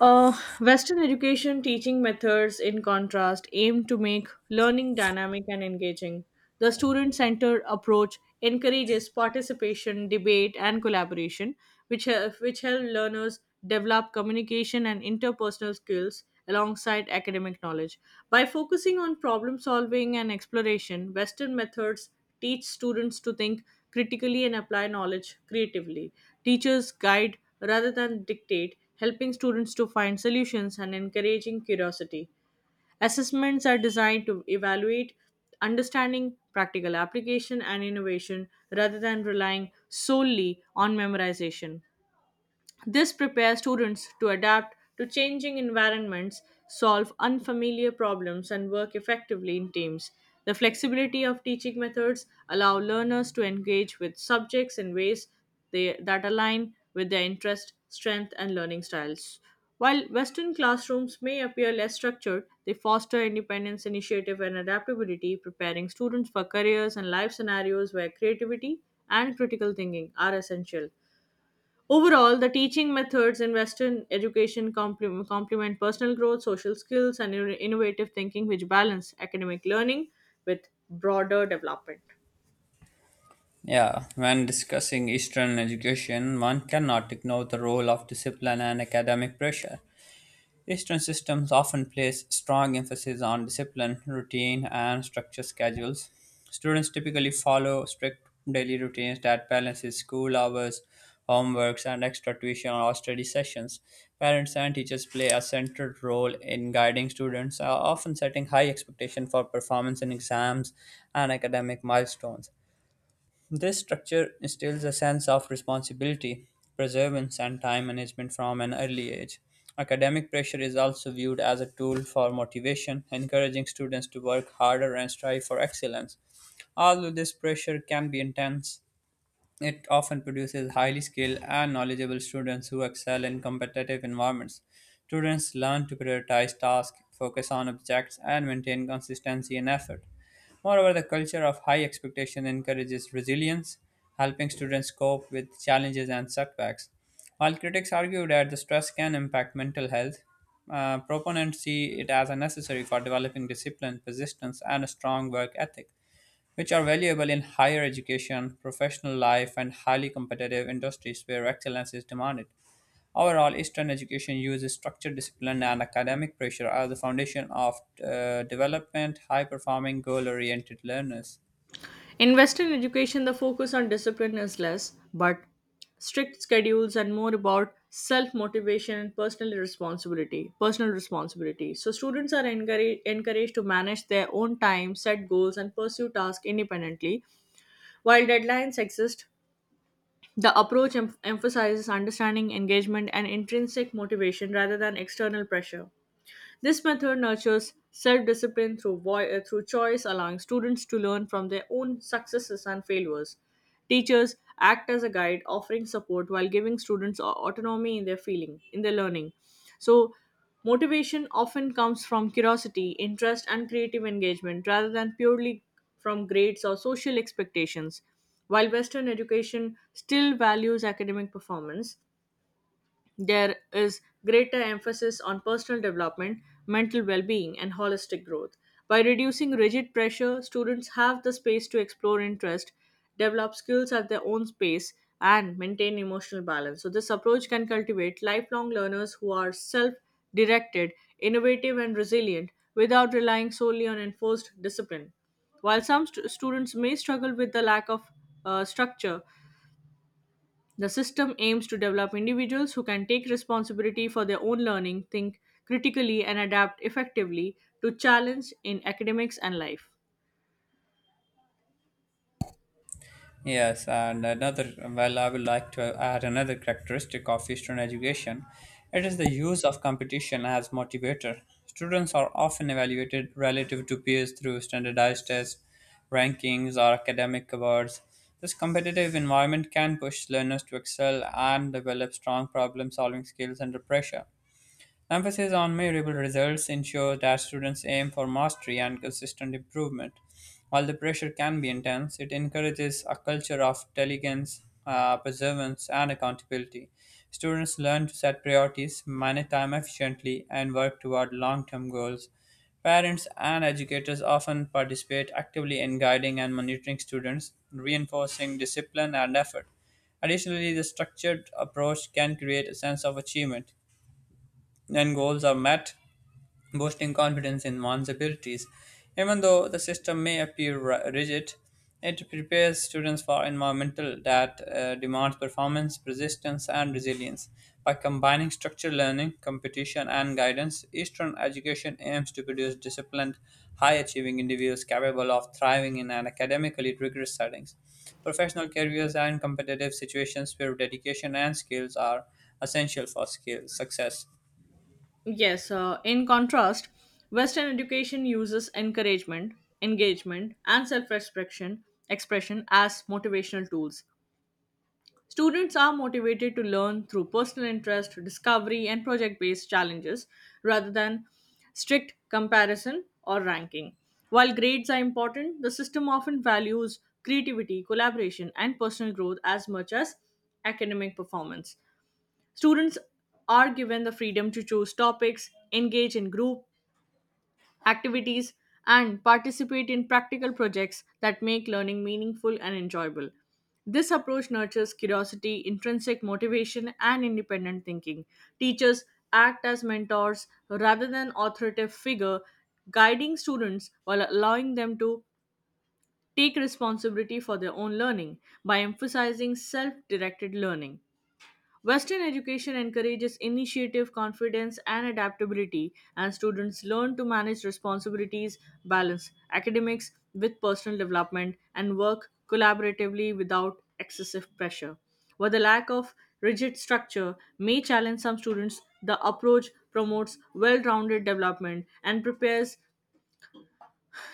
Uh, Western education teaching methods, in contrast, aim to make learning dynamic and engaging. The student centered approach encourages participation, debate, and collaboration, which help learners develop communication and interpersonal skills alongside academic knowledge. By focusing on problem solving and exploration, Western methods teach students to think critically and apply knowledge creatively. Teachers guide rather than dictate, helping students to find solutions and encouraging curiosity. Assessments are designed to evaluate understanding, practical application, and innovation rather than relying solely on memorization. This prepares students to adapt to changing environments, solve unfamiliar problems, and work effectively in teams. The flexibility of teaching methods allow learners to engage with subjects in ways that align with their interest, strength, and learning styles. While Western classrooms may appear less structured, they foster independence, initiative, and adaptability, preparing students for careers and life scenarios where creativity and critical thinking are essential. Overall, the teaching methods in Western education complement personal growth, social skills, and innovative thinking, which balance academic learning with broader development. Yeah, when discussing Eastern education, one cannot ignore the role of discipline and academic pressure. Eastern systems often place strong emphasis on discipline, routine, and structured schedules. Students typically follow strict daily routines that balances school hours, homeworks, and extra tuition or study sessions. Parents and teachers play a central role in guiding students, often setting high expectations for performance in exams and academic milestones. This structure instills a sense of responsibility, perseverance, and time management from an early age. Academic pressure is also viewed as a tool for motivation, encouraging students to work harder and strive for excellence. Although this pressure can be intense, it often produces highly skilled and knowledgeable students who excel in competitive environments. Students learn to prioritize tasks, focus on objects, and maintain consistency and effort. Moreover, the culture of high expectation encourages resilience, helping students cope with challenges and setbacks. While critics argue that the stress can impact mental health, proponents see it as a necessary for developing discipline, persistence, and a strong work ethic which are valuable in higher education, professional life, and highly competitive industries where excellence is demanded. Overall, Eastern education uses structure, discipline, and academic pressure as the foundation of development, high performing, goal oriented learners. In Western education, the focus on discipline is less, but strict schedules and more about self motivation and personal responsibility. Personal responsibility. So students are encouraged to manage their own time, set goals, and pursue tasks independently. While deadlines exist, the emphasizes understanding, engagement, and intrinsic motivation rather than external pressure. This method nurtures self discipline through choice, allowing students to learn from their own successes and failures. Teachers act as a guide, offering support while giving autonomy in in their learning. So, motivation often comes from curiosity, interest, and creative engagement rather than purely from grades or social expectations. While Western education still values academic performance, there is greater emphasis on personal development, mental well being, and holistic growth. By reducing rigid pressure, students have the space to explore interest, develop skills at their own pace, and maintain emotional balance. So, this approach can cultivate lifelong learners who are self directed, innovative, and resilient without relying solely on enforced discipline. While some students may struggle with the lack of structure, the system aims to develop individuals who can take responsibility for their own learning, think critically, and adapt effectively to challenge in academics and life. Yes, and another, well, I would like to add another characteristic of Eastern education. It is the use of competition as motivator. Students are often evaluated relative to peers through standardized tests, rankings, or academic awards. This competitive environment can push learners to excel and develop strong problem solving skills under pressure. Emphasis on measurable results ensures that students aim for mastery and consistent improvement. While the pressure can be intense, it encourages a culture of diligence, perseverance, and accountability. Students learn to set priorities, manage time efficiently, and work toward long term goals. Parents and educators often participate actively in guiding and monitoring students, reinforcing discipline and effort. Additionally, the structured approach can create a sense of achievement, and goals are met, boosting confidence in one's abilities. Even though the system may appear rigid, it prepares students for environmental that demands performance, persistence, and resilience. By combining structured learning, competition, and guidance, Eastern education aims to produce disciplined, high-achieving individuals capable of thriving in an academically rigorous settings. Professional careers and competitive situations where dedication and skills are essential for skill success. Yes, in contrast, Western education uses encouragement, engagement, and self expression expression as motivational tools. Students are motivated to learn through personal interest, discovery, and project based challenges rather than strict comparison or ranking. While grades are important, the system often values creativity, collaboration, and personal growth as much as academic performance. Students are given the freedom to choose topics, engage in group activities and participate in practical projects that make learning meaningful and enjoyable. This approach nurtures curiosity, intrinsic motivation, and independent thinking. Teachers act as mentors rather than authoritative figure, guiding students while allowing them to take responsibility for their own learning by emphasizing self directed learning. Western education encourages initiative, confidence, and adaptability, and students learn to manage responsibilities, balance academics with personal development, and work collaboratively without excessive pressure. While the lack of rigid structure may challenge some students, the approach promotes well rounded development and prepares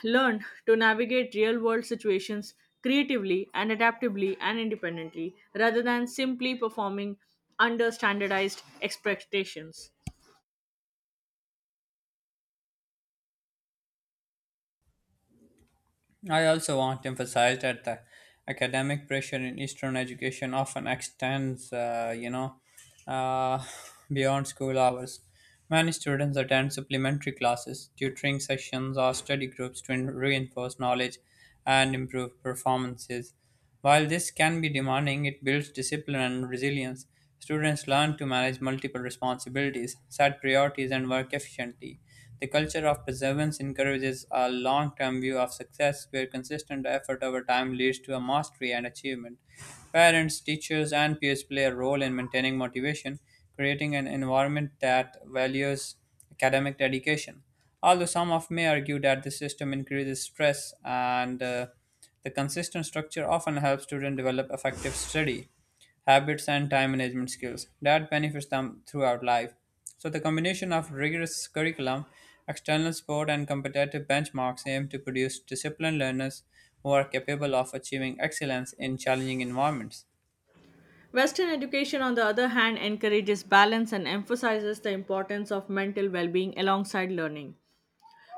learn to navigate real world situations creatively and adaptively and independently rather than simply performing under standardized expectations. I also want to emphasize that the academic pressure in Eastern education often extends, uh, beyond school hours. Many students attend supplementary classes, tutoring sessions, or study groups to reinforce knowledge and improve performances. While this can be demanding, it builds discipline and resilience. Students learn to manage multiple responsibilities, set priorities, and work efficiently. The culture of perseverance encourages a long term view of success where consistent effort over time leads to a mastery and achievement. Parents, teachers, and peers play a role in maintaining motivation, creating an environment that values academic dedication. Although some of may argue that the system increases stress and the consistent structure often helps students develop effective study habits and time management skills that benefits them throughout life. So the combination of rigorous curriculum, external support and competitive benchmarks aim to produce disciplined learners who are capable of achieving excellence in challenging environments. Western education, on the other hand, encourages balance and emphasizes the importance of mental well being alongside learning.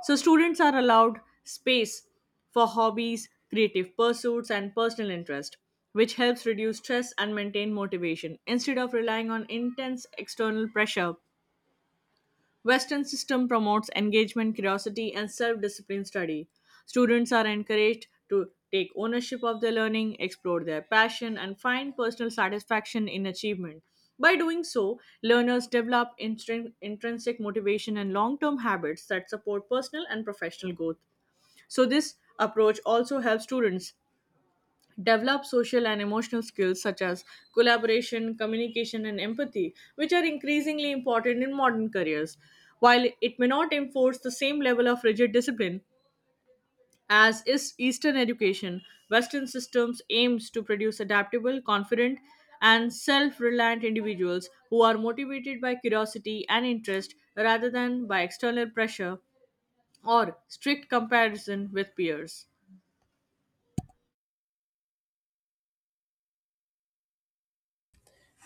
So, students are allowed space for hobbies, creative pursuits, and personal interest, which helps reduce stress and maintain motivation instead of relying on intense external pressure. Western system promotes engagement, curiosity, and self-discipline study. Students are encouraged to take ownership of their learning, explore their passion, and find personal satisfaction in achievement. By doing so, learners develop intrinsic motivation and long-term habits that support personal and professional growth. So this approach also helps students develop social and emotional skills such as collaboration, communication, and empathy, which are increasingly important in modern careers. While it may not enforce the same level of rigid discipline as is Eastern education, Western systems aims to produce adaptable, confident, and self-reliant individuals who are motivated by curiosity and interest rather than by external pressure or strict comparison with peers.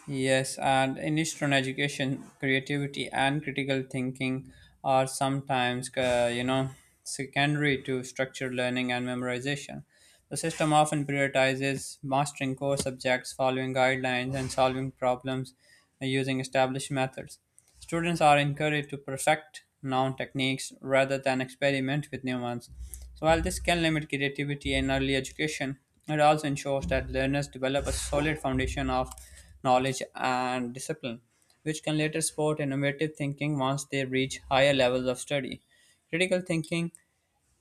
Yes, and in Eastern education, creativity and critical thinking are sometimes, secondary to structured learning and memorization. The system often prioritizes mastering core subjects, following guidelines, and solving problems using established methods. Students are encouraged to perfect known techniques rather than experiment with new ones. So, while this can limit creativity in early education, it also ensures that learners develop a solid foundation of knowledge and discipline, which can later support innovative thinking once they reach higher levels of study. Critical thinking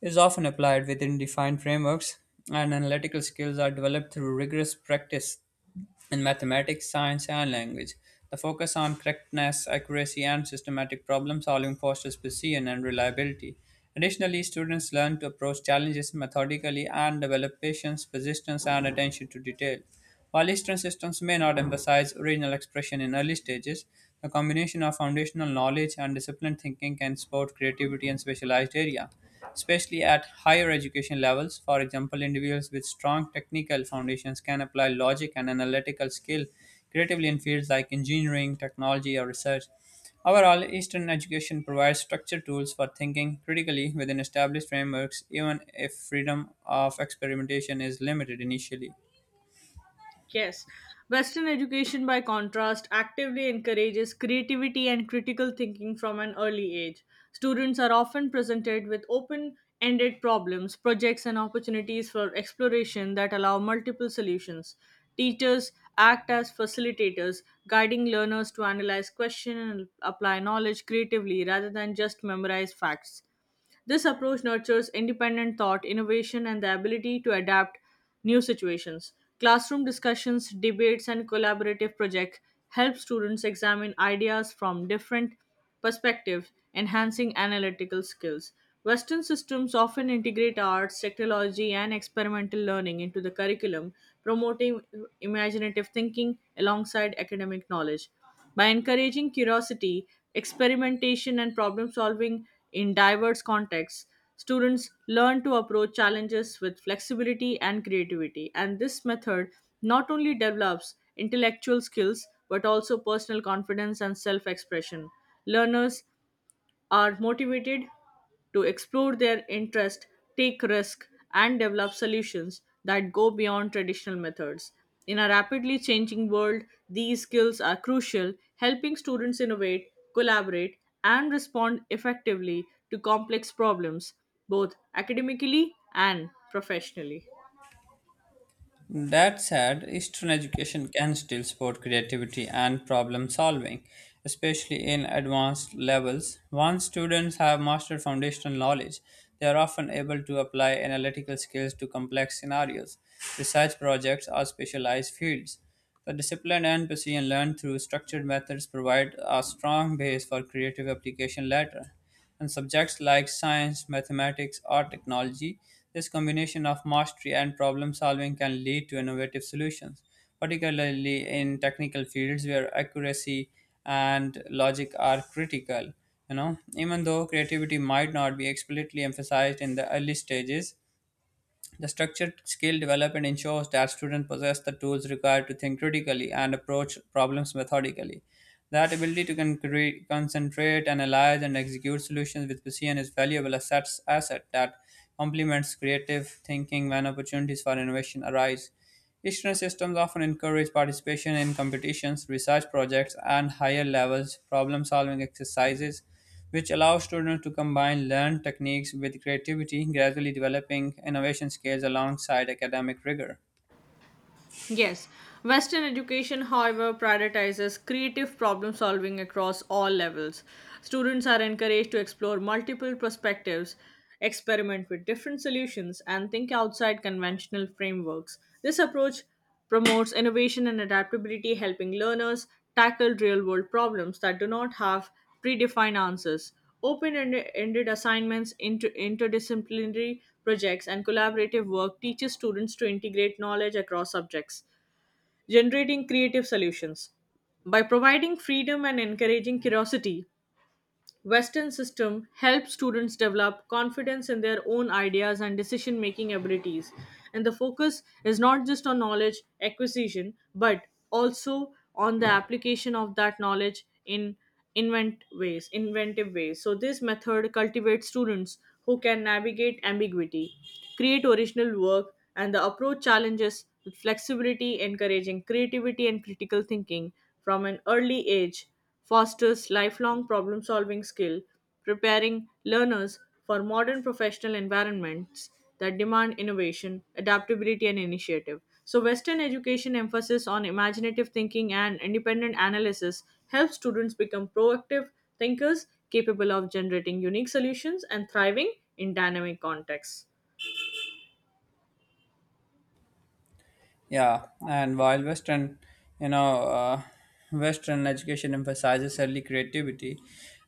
is often applied within defined frameworks, and analytical skills are developed through rigorous practice in mathematics, science, and language. The focus on correctness, accuracy, and systematic problem solving fosters precision and reliability. Additionally, students learn to approach challenges methodically and develop patience, persistence, and attention to detail. While Eastern systems may not emphasize original expression in early stages, the combination of foundational knowledge and disciplined thinking can support creativity in specialized area especially at higher education levels. For example, individuals with strong technical foundations can apply logic and analytical skill creatively in fields like engineering, technology, or research. Overall, Eastern education provides structured tools for thinking critically within established frameworks, even if freedom of experimentation is limited initially. Yes. Western education, by contrast, actively encourages creativity and critical thinking from an early age. Students are often presented with open ended problems, projects, and opportunities for exploration that allow multiple solutions. Teachers act as facilitators, guiding learners to analyze questions and apply knowledge creatively rather than just memorize facts. This approach nurtures independent thought, innovation, and the ability to adapt new situations. Classroom discussions, debates, and collaborative projects help students examine ideas from different perspectives, enhancing analytical skills. Western systems often integrate arts, technology, and experimental learning into the curriculum, promoting imaginative thinking alongside academic knowledge. By encouraging curiosity, experimentation, and problem solving in diverse contexts, students learn to approach challenges with flexibility and creativity. And this method not only develops intellectual skills but also personal confidence and self expression. Learners are motivated to explore their interest, take risk, and develop solutions that go beyond traditional methods. In a rapidly changing world, these skills are crucial, helping students innovate, collaborate, and respond effectively to complex problems, both academically and professionally. That said, Eastern education can still support creativity and problem solving, especially in advanced levels. Once students have mastered foundational knowledge, they are often able to apply analytical skills to complex scenarios, research projects, or specialized fields. The discipline and precision learned through structured methods provide a strong base for creative application later and subjects like science, mathematics, or technology. This combination of mastery and problem solving can lead to innovative solutions, particularly in technical fields where accuracy and logic are critical. You know, even though creativity might not be explicitly emphasized in the early stages, the structured skill development ensures that students possess the tools required to think critically and approach problems methodically. That ability to concentrate, analyze, and execute solutions with precision is valuable asset that complements creative thinking when opportunities for innovation arise. Eastern systems often encourage participation in competitions, research projects, and higher levels problem solving exercises which allows students to combine learned techniques with creativity, gradually developing innovation skills alongside academic rigor. Yes, Western education, however, prioritizes creative problem solving across all levels. Students are encouraged to explore multiple perspectives, experiment with different solutions, and think outside conventional frameworks. This approach promotes innovation and adaptability, helping learners tackle real world problems that do not have predefined answers, open ended assignments into interdisciplinary projects, and collaborative work teaches students to integrate knowledge across subjects, generating creative solutions. By providing freedom and encouraging curiosity, Western system help students develop confidence in their own ideas and decision making abilities. And the focus is not just on knowledge acquisition, but also on the application of that knowledge in inventive ways. So this method cultivates students who can navigate ambiguity, create original work, and the approach challenges with flexibility, encouraging creativity and critical thinking from an early age fosters lifelong problem solving skill, preparing learners for modern professional environments that demand innovation, adaptability, and initiative. So, Western education emphasis on imaginative thinking and independent analysis helps students become proactive thinkers capable of generating unique solutions and thriving in dynamic contexts. Yeah, and while you know, uh, Western education emphasizes early creativity,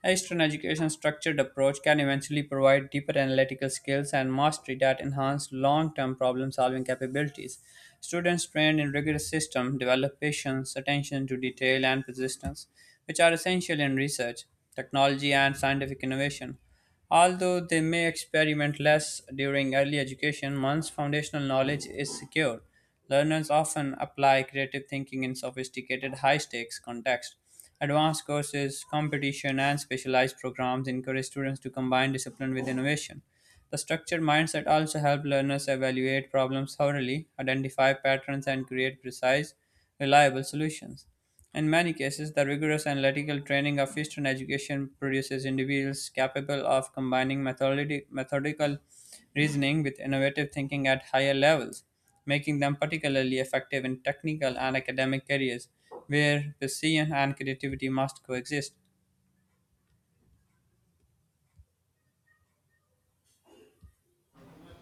Eastern education's structured approach can eventually provide deeper analytical skills and mastery that enhance long-term problem-solving capabilities. Students trained in rigorous systems develop patience, attention to detail, and persistence, which are essential in research, technology, and scientific innovation. Although they may experiment less during early education, once foundational knowledge is secured. Learners often apply creative thinking in sophisticated, high stakes contexts. Advanced courses, competition, and specialized programs encourage students to combine discipline with innovation. The structured mindset also helps learners evaluate problems thoroughly, identify patterns, and create precise, reliable solutions. In many cases, the rigorous analytical training of Eastern education produces individuals capable of combining methodical reasoning with innovative thinking at higher levels, making them particularly effective in technical and academic careers where precision and creativity must coexist.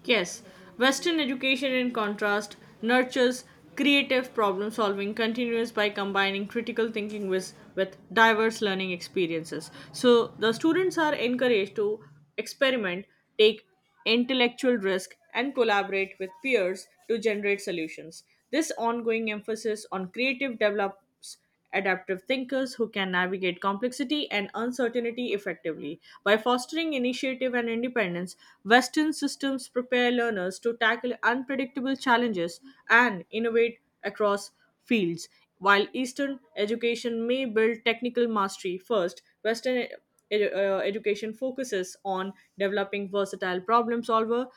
Yes, Western education, in contrast, nurtures creative problem solving continuous by combining critical thinking with diverse learning experiences. So the students are encouraged to experiment, take intellectual risk, and collaborate with peers to generate solutions. This ongoing emphasis on creative develops artists, adaptive thinkers who can navigate complexity and uncertainty effectively. By fostering initiative and independence, Western systems prepare learners to tackle unpredictable challenges and innovate across fields. While Eastern education may build technical mastery first, Western education focuses on developing versatile problem solver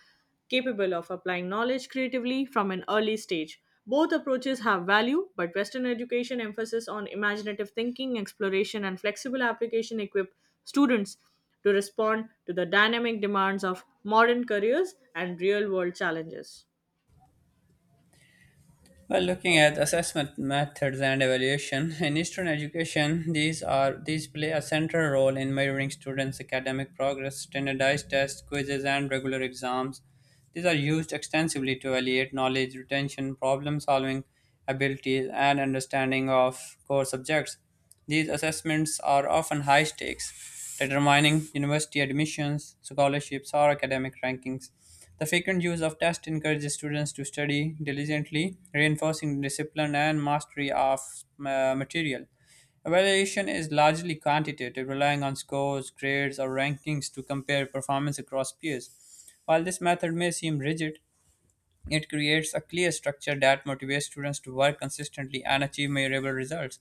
capable of applying knowledge creatively from an early stage. Both approaches have value, but Western education emphasis on imaginative thinking, exploration, and flexible application equip students to respond to the dynamic demands of modern careers and real world challenges. Well, looking at assessment methods and evaluation in Eastern education, these play a central role in measuring students' academic progress. Standardized tests, quizzes, and regular exams. These are used extensively to evaluate knowledge retention, problem-solving abilities, and understanding of core subjects. These assessments are often high stakes, determining university admissions, scholarships, or academic rankings. The frequent use of tests encourages students to study diligently, reinforcing discipline and mastery of material. Evaluation is largely quantitative, relying on scores, grades, or rankings to compare performance across peers. While this method may seem rigid, it creates a clear structure that motivates students to work consistently and achieve measurable results.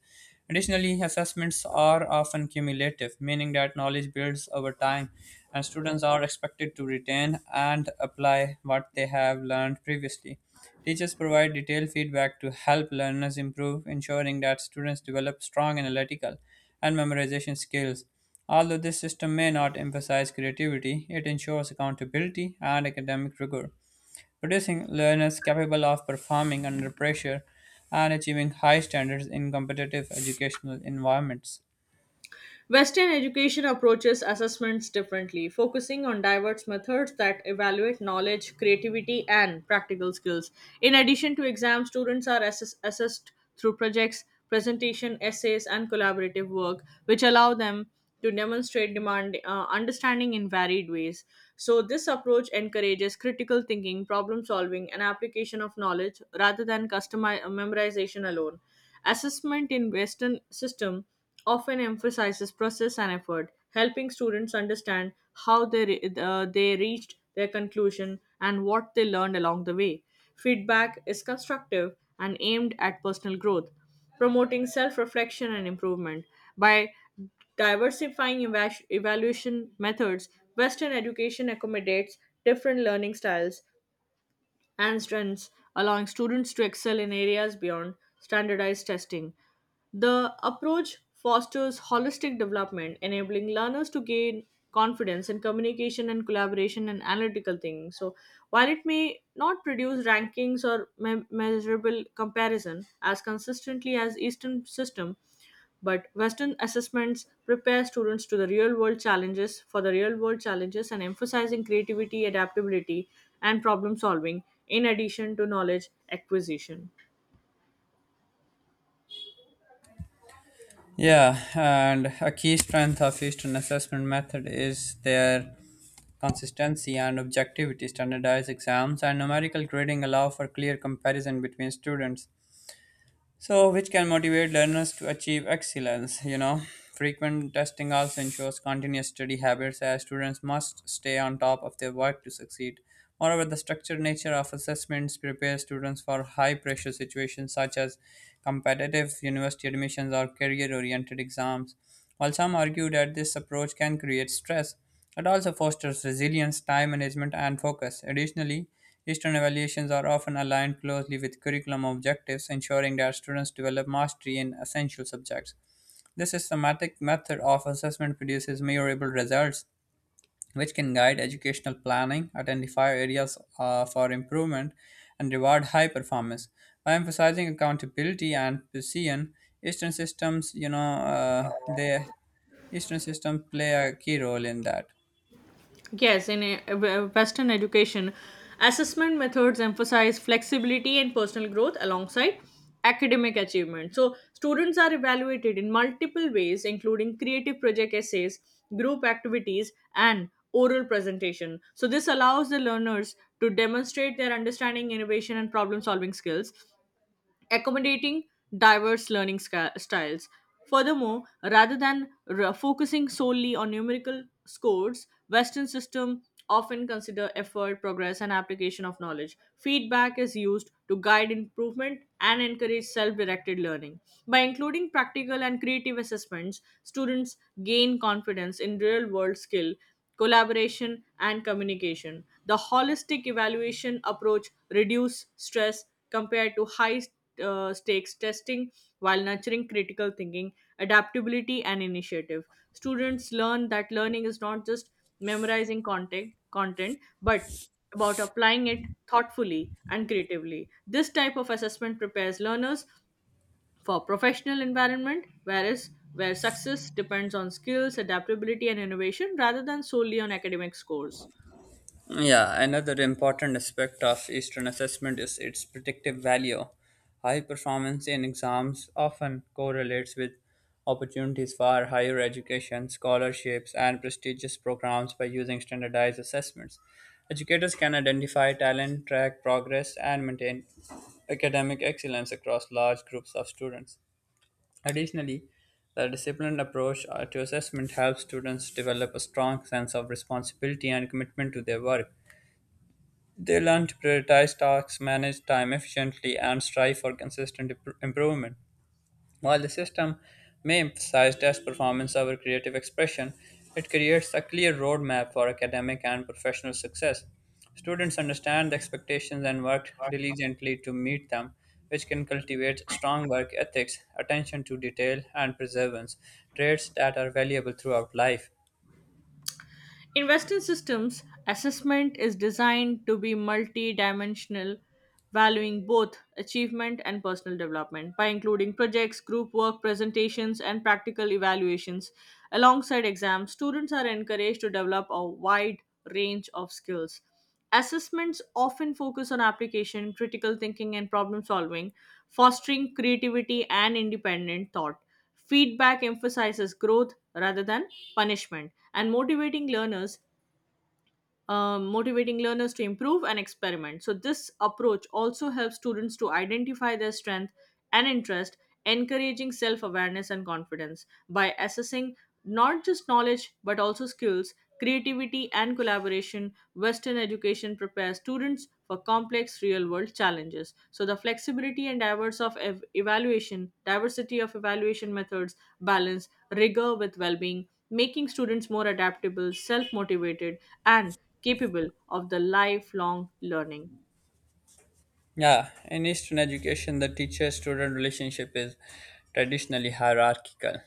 Additionally, assessments are often cumulative, meaning that knowledge builds over time, and students are expected to retain and apply what they have learned previously. Teachers provide detailed feedback to help learners improve, ensuring that students develop strong analytical and memorization skills. Although this system may not emphasize creativity, it ensures accountability and academic rigor producing learners capable of performing under pressure and achieving high standards in competitive educational environments. Western education approaches assessments differently, focusing on diverse methods that evaluate knowledge, creativity, and practical skills. In addition to exams, students are assessed through projects, presentation, essays, and collaborative work, which allow them to demonstrate demand understanding in varied ways. So this approach encourages critical thinking, problem solving, and application of knowledge rather than memorization alone. Assessment in Western system often emphasizes process and effort, helping students understand how they reached their conclusion and what they learned along the way. Feedback is constructive and aimed at personal growth, promoting self reflection and improvement. By diversifying evaluation methods, Western education accommodates different learning styles and strengths, allowing students to excel in areas beyond standardized testing. The approach fosters holistic development, enabling learners to gain confidence in communication and collaboration and analytical thinking. So, while it may not produce rankings or measurable comparison as consistently as Eastern system, but Western assessments prepare students to the real world challenges for the real world challenges and emphasizing creativity, adaptability, and problem solving in addition to knowledge acquisition. Yeah, and a key strength of Eastern assessment method is their consistency and objectivity. Standardized exams and numerical grading allow for clear comparison between students, so which can motivate learners to achieve excellence, you know, frequent testing also ensures continuous study habits as students must stay on top of their work to succeed. Moreover, the structured nature of assessments prepares students for high pressure situations such as competitive university admissions or career oriented exams. While some argue that this approach can create stress, it also fosters resilience, time management, and focus. Additionally, Eastern evaluations are often aligned closely with curriculum objectives, ensuring that students develop mastery in essential subjects. This systematic method of assessment produces measurable results, which can guide educational planning, identify areas for improvement, and reward high performance. By emphasizing accountability and precision, Eastern systems, you know, they Eastern systems play a key role in that. Yes, in Western education, assessment methods emphasize flexibility and personal growth alongside academic achievement. So, students are evaluated in multiple ways, including creative project essays, group activities, and oral presentation. So, this allows the learners to demonstrate their understanding, innovation, and problem solving skills accommodating diverse learning styles. Furthermore, rather than focusing solely on numerical scores, Western system often consider effort, progress, and application of knowledge. Feedback is used to guide improvement and encourage self-directed learning. By including practical and creative assessments, students gain confidence in real-world skill, collaboration, and communication. The holistic evaluation approach reduce stress compared to high stakes testing while nurturing critical thinking, adaptability, and initiative. Students learn that learning is not just content but about applying it thoughtfully and creatively. This type of assessment prepares learners for professional environment where success depends on skills, adaptability and innovation rather than solely on academic scores. Yeah, another important aspect of Eastern assessment is its predictive value. High performance in exams often correlates with opportunities for higher education, scholarships, and prestigious programs by using standardized assessments. Educators can identify talent, track progress, and maintain academic excellence across large groups of students. Additionally, the disciplined approach to assessment helps students develop a strong sense of responsibility and commitment to their work. They learn to prioritize tasks, manage time efficiently, and strive for consistent improvement. While the system may emphasize test performance over creative expression, it creates a clear roadmap for academic and professional success. Students understand the expectations and work diligently to meet them, which can cultivate strong work ethics, attention to detail, and perseverance, traits that are valuable throughout life. In Western systems, assessment is designed to be multi dimensional, valuing both achievement and personal development by including projects, group work, presentations, and practical evaluations. Alongside exams, students are encouraged to develop a wide range of skills. Assessments often focus on application, critical thinking, and problem solving, fostering creativity and independent thought. Feedback emphasizes growth rather than punishment, and motivating learners to improve and experiment. So, this approach also helps students to identify their strength and interest, encouraging self awareness and confidence by assessing not just knowledge but also skills, creativity, and collaboration. Western education prepares students for complex real world challenges. So, the flexibility and diverse of ev- evaluation, diversity of evaluation methods balance rigor with well being, making students more adaptable, self motivated, and capable of the lifelong learning. Yeah, in Eastern education, the teacher student relationship is traditionally hierarchical.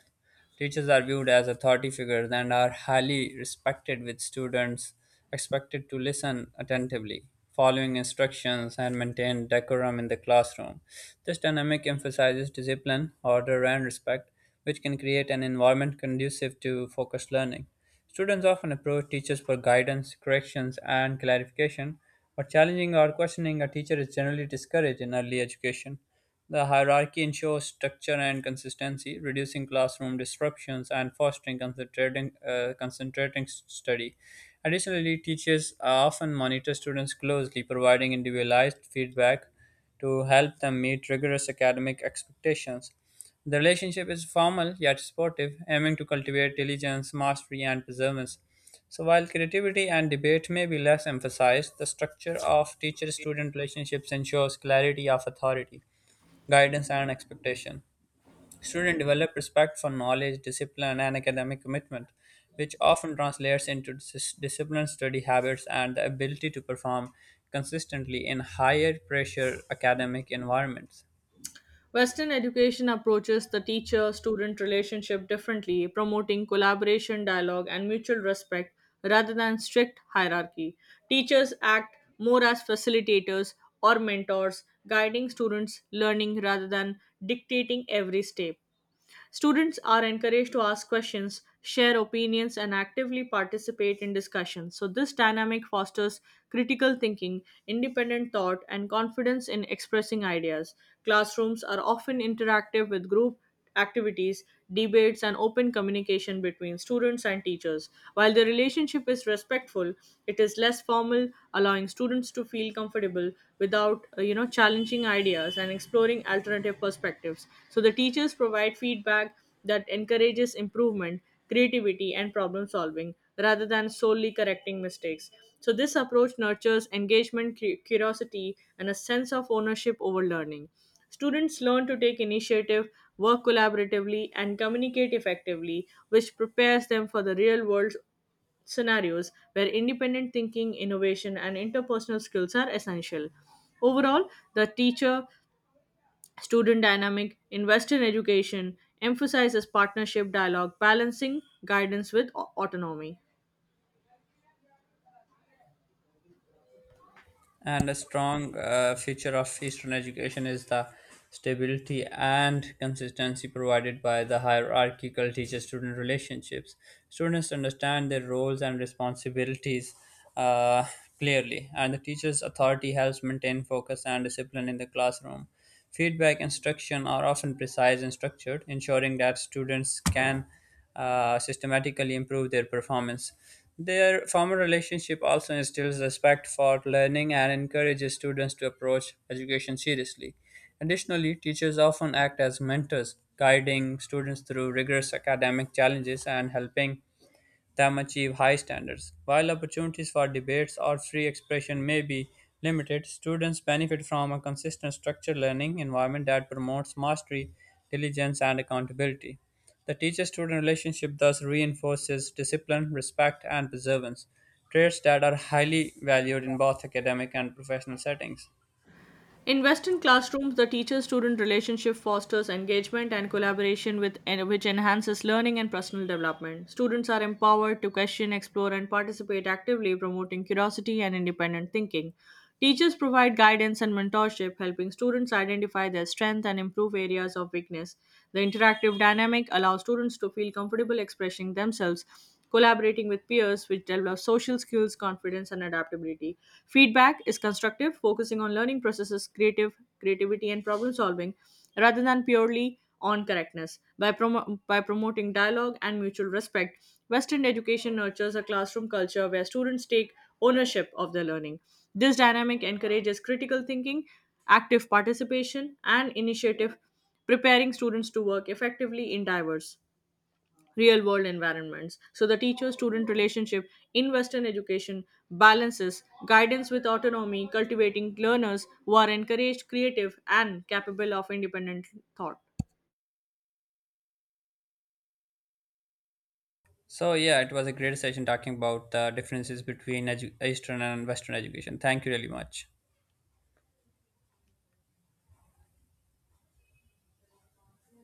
Teachers are viewed as authority figures and are highly respected, with students expected to listen attentively, following instructions, and maintain decorum in the classroom. This dynamic emphasizes discipline, order, and respect, which can create an environment conducive to focused learning. Students often approach teachers for guidance, corrections, and clarification, but challenging or questioning a teacher is generally discouraged in early education. The hierarchy ensures structure and consistency, reducing classroom disruptions and fostering concentrating study. Additionally, teachers often monitor students closely, providing individualized feedback to help them meet rigorous academic expectations. The relationship is formal yet supportive, aiming to cultivate diligence, mastery, and perseverance. So, while creativity and debate may be less emphasized, the structure of teacher student relationships ensures clarity of authority guidance and expectation. Students develop respect for knowledge, discipline, and academic commitment, which often translates into disciplined study habits and the ability to perform consistently in higher pressure academic environments. Western education approaches the teacher student relationship differently, promoting collaboration, dialogue, and mutual respect rather than strict hierarchy. Teachers act more as facilitators or mentors, guiding students' learning rather than dictating every step. Students are encouraged to ask questions, share opinions, and actively participate in discussions. So, this dynamic fosters critical thinking, independent thought, and confidence in expressing ideas. Classrooms are often interactive with group activities, debates, and open communication between students and teachers. While the relationship is respectful, it is less formal, allowing students to feel comfortable without you know, challenging ideas and exploring alternative perspectives. So the teachers provide feedback that encourages improvement, creativity, and problem solving rather than solely correcting mistakes. So this approach nurtures engagement, curiosity, and a sense of ownership over learning. Students learn to take initiative, work collaboratively, and communicate effectively, which prepares them for the real world scenarios where independent thinking, innovation, and interpersonal skills are essential. Overall, the teacher student dynamic invested in education emphasizes partnership dialogue, balancing guidance with autonomy. And a strong feature of Eastern education is the stability and consistency provided by the hierarchical teacher student relationships. Students understand their roles and responsibilities uh, clearly, and the teacher's authority helps maintain focus and discipline in the classroom. Feedback instruction are often precise and structured, ensuring that students can systematically improve their performance. Their formal relationship also instills respect for learning and encourages students to approach education seriously. Additionally, teachers often act as mentors, guiding students through rigorous academic challenges and helping them achieve high standards. While opportunities for debates or free expression may be limited, students benefit from a consistent structured learning environment that promotes mastery, diligence, and accountability. The teacher student relationship thus reinforces discipline, respect, and perseverance, traits that are highly valued in both academic and professional settings. In Western classrooms, the teacher student relationship fosters engagement and collaboration, which enhances learning and personal development. Students are empowered to question, explore, and participate actively, promoting curiosity and independent thinking. Teachers provide guidance and mentorship, helping students identify their strength and improve areas of weakness. The interactive dynamic allows students to feel comfortable expressing themselves collaborating with peers, which develops social skills, confidence, and adaptability. Feedback is constructive, focusing on learning processes, creative creativity, and problem solving, rather than purely on correctness. By promoting dialogue and mutual respect, Western education nurtures a classroom culture where students take ownership of their learning. This dynamic encourages critical thinking, active participation, and initiative, preparing students to work effectively in diverse real world environments. So, the teacher student relationship in Western education balances guidance with autonomy, cultivating learners who are encouraged, creative, and capable of independent thought. So, yeah, it was a great session talking about the differences between Eastern and Western education. Thank you really much.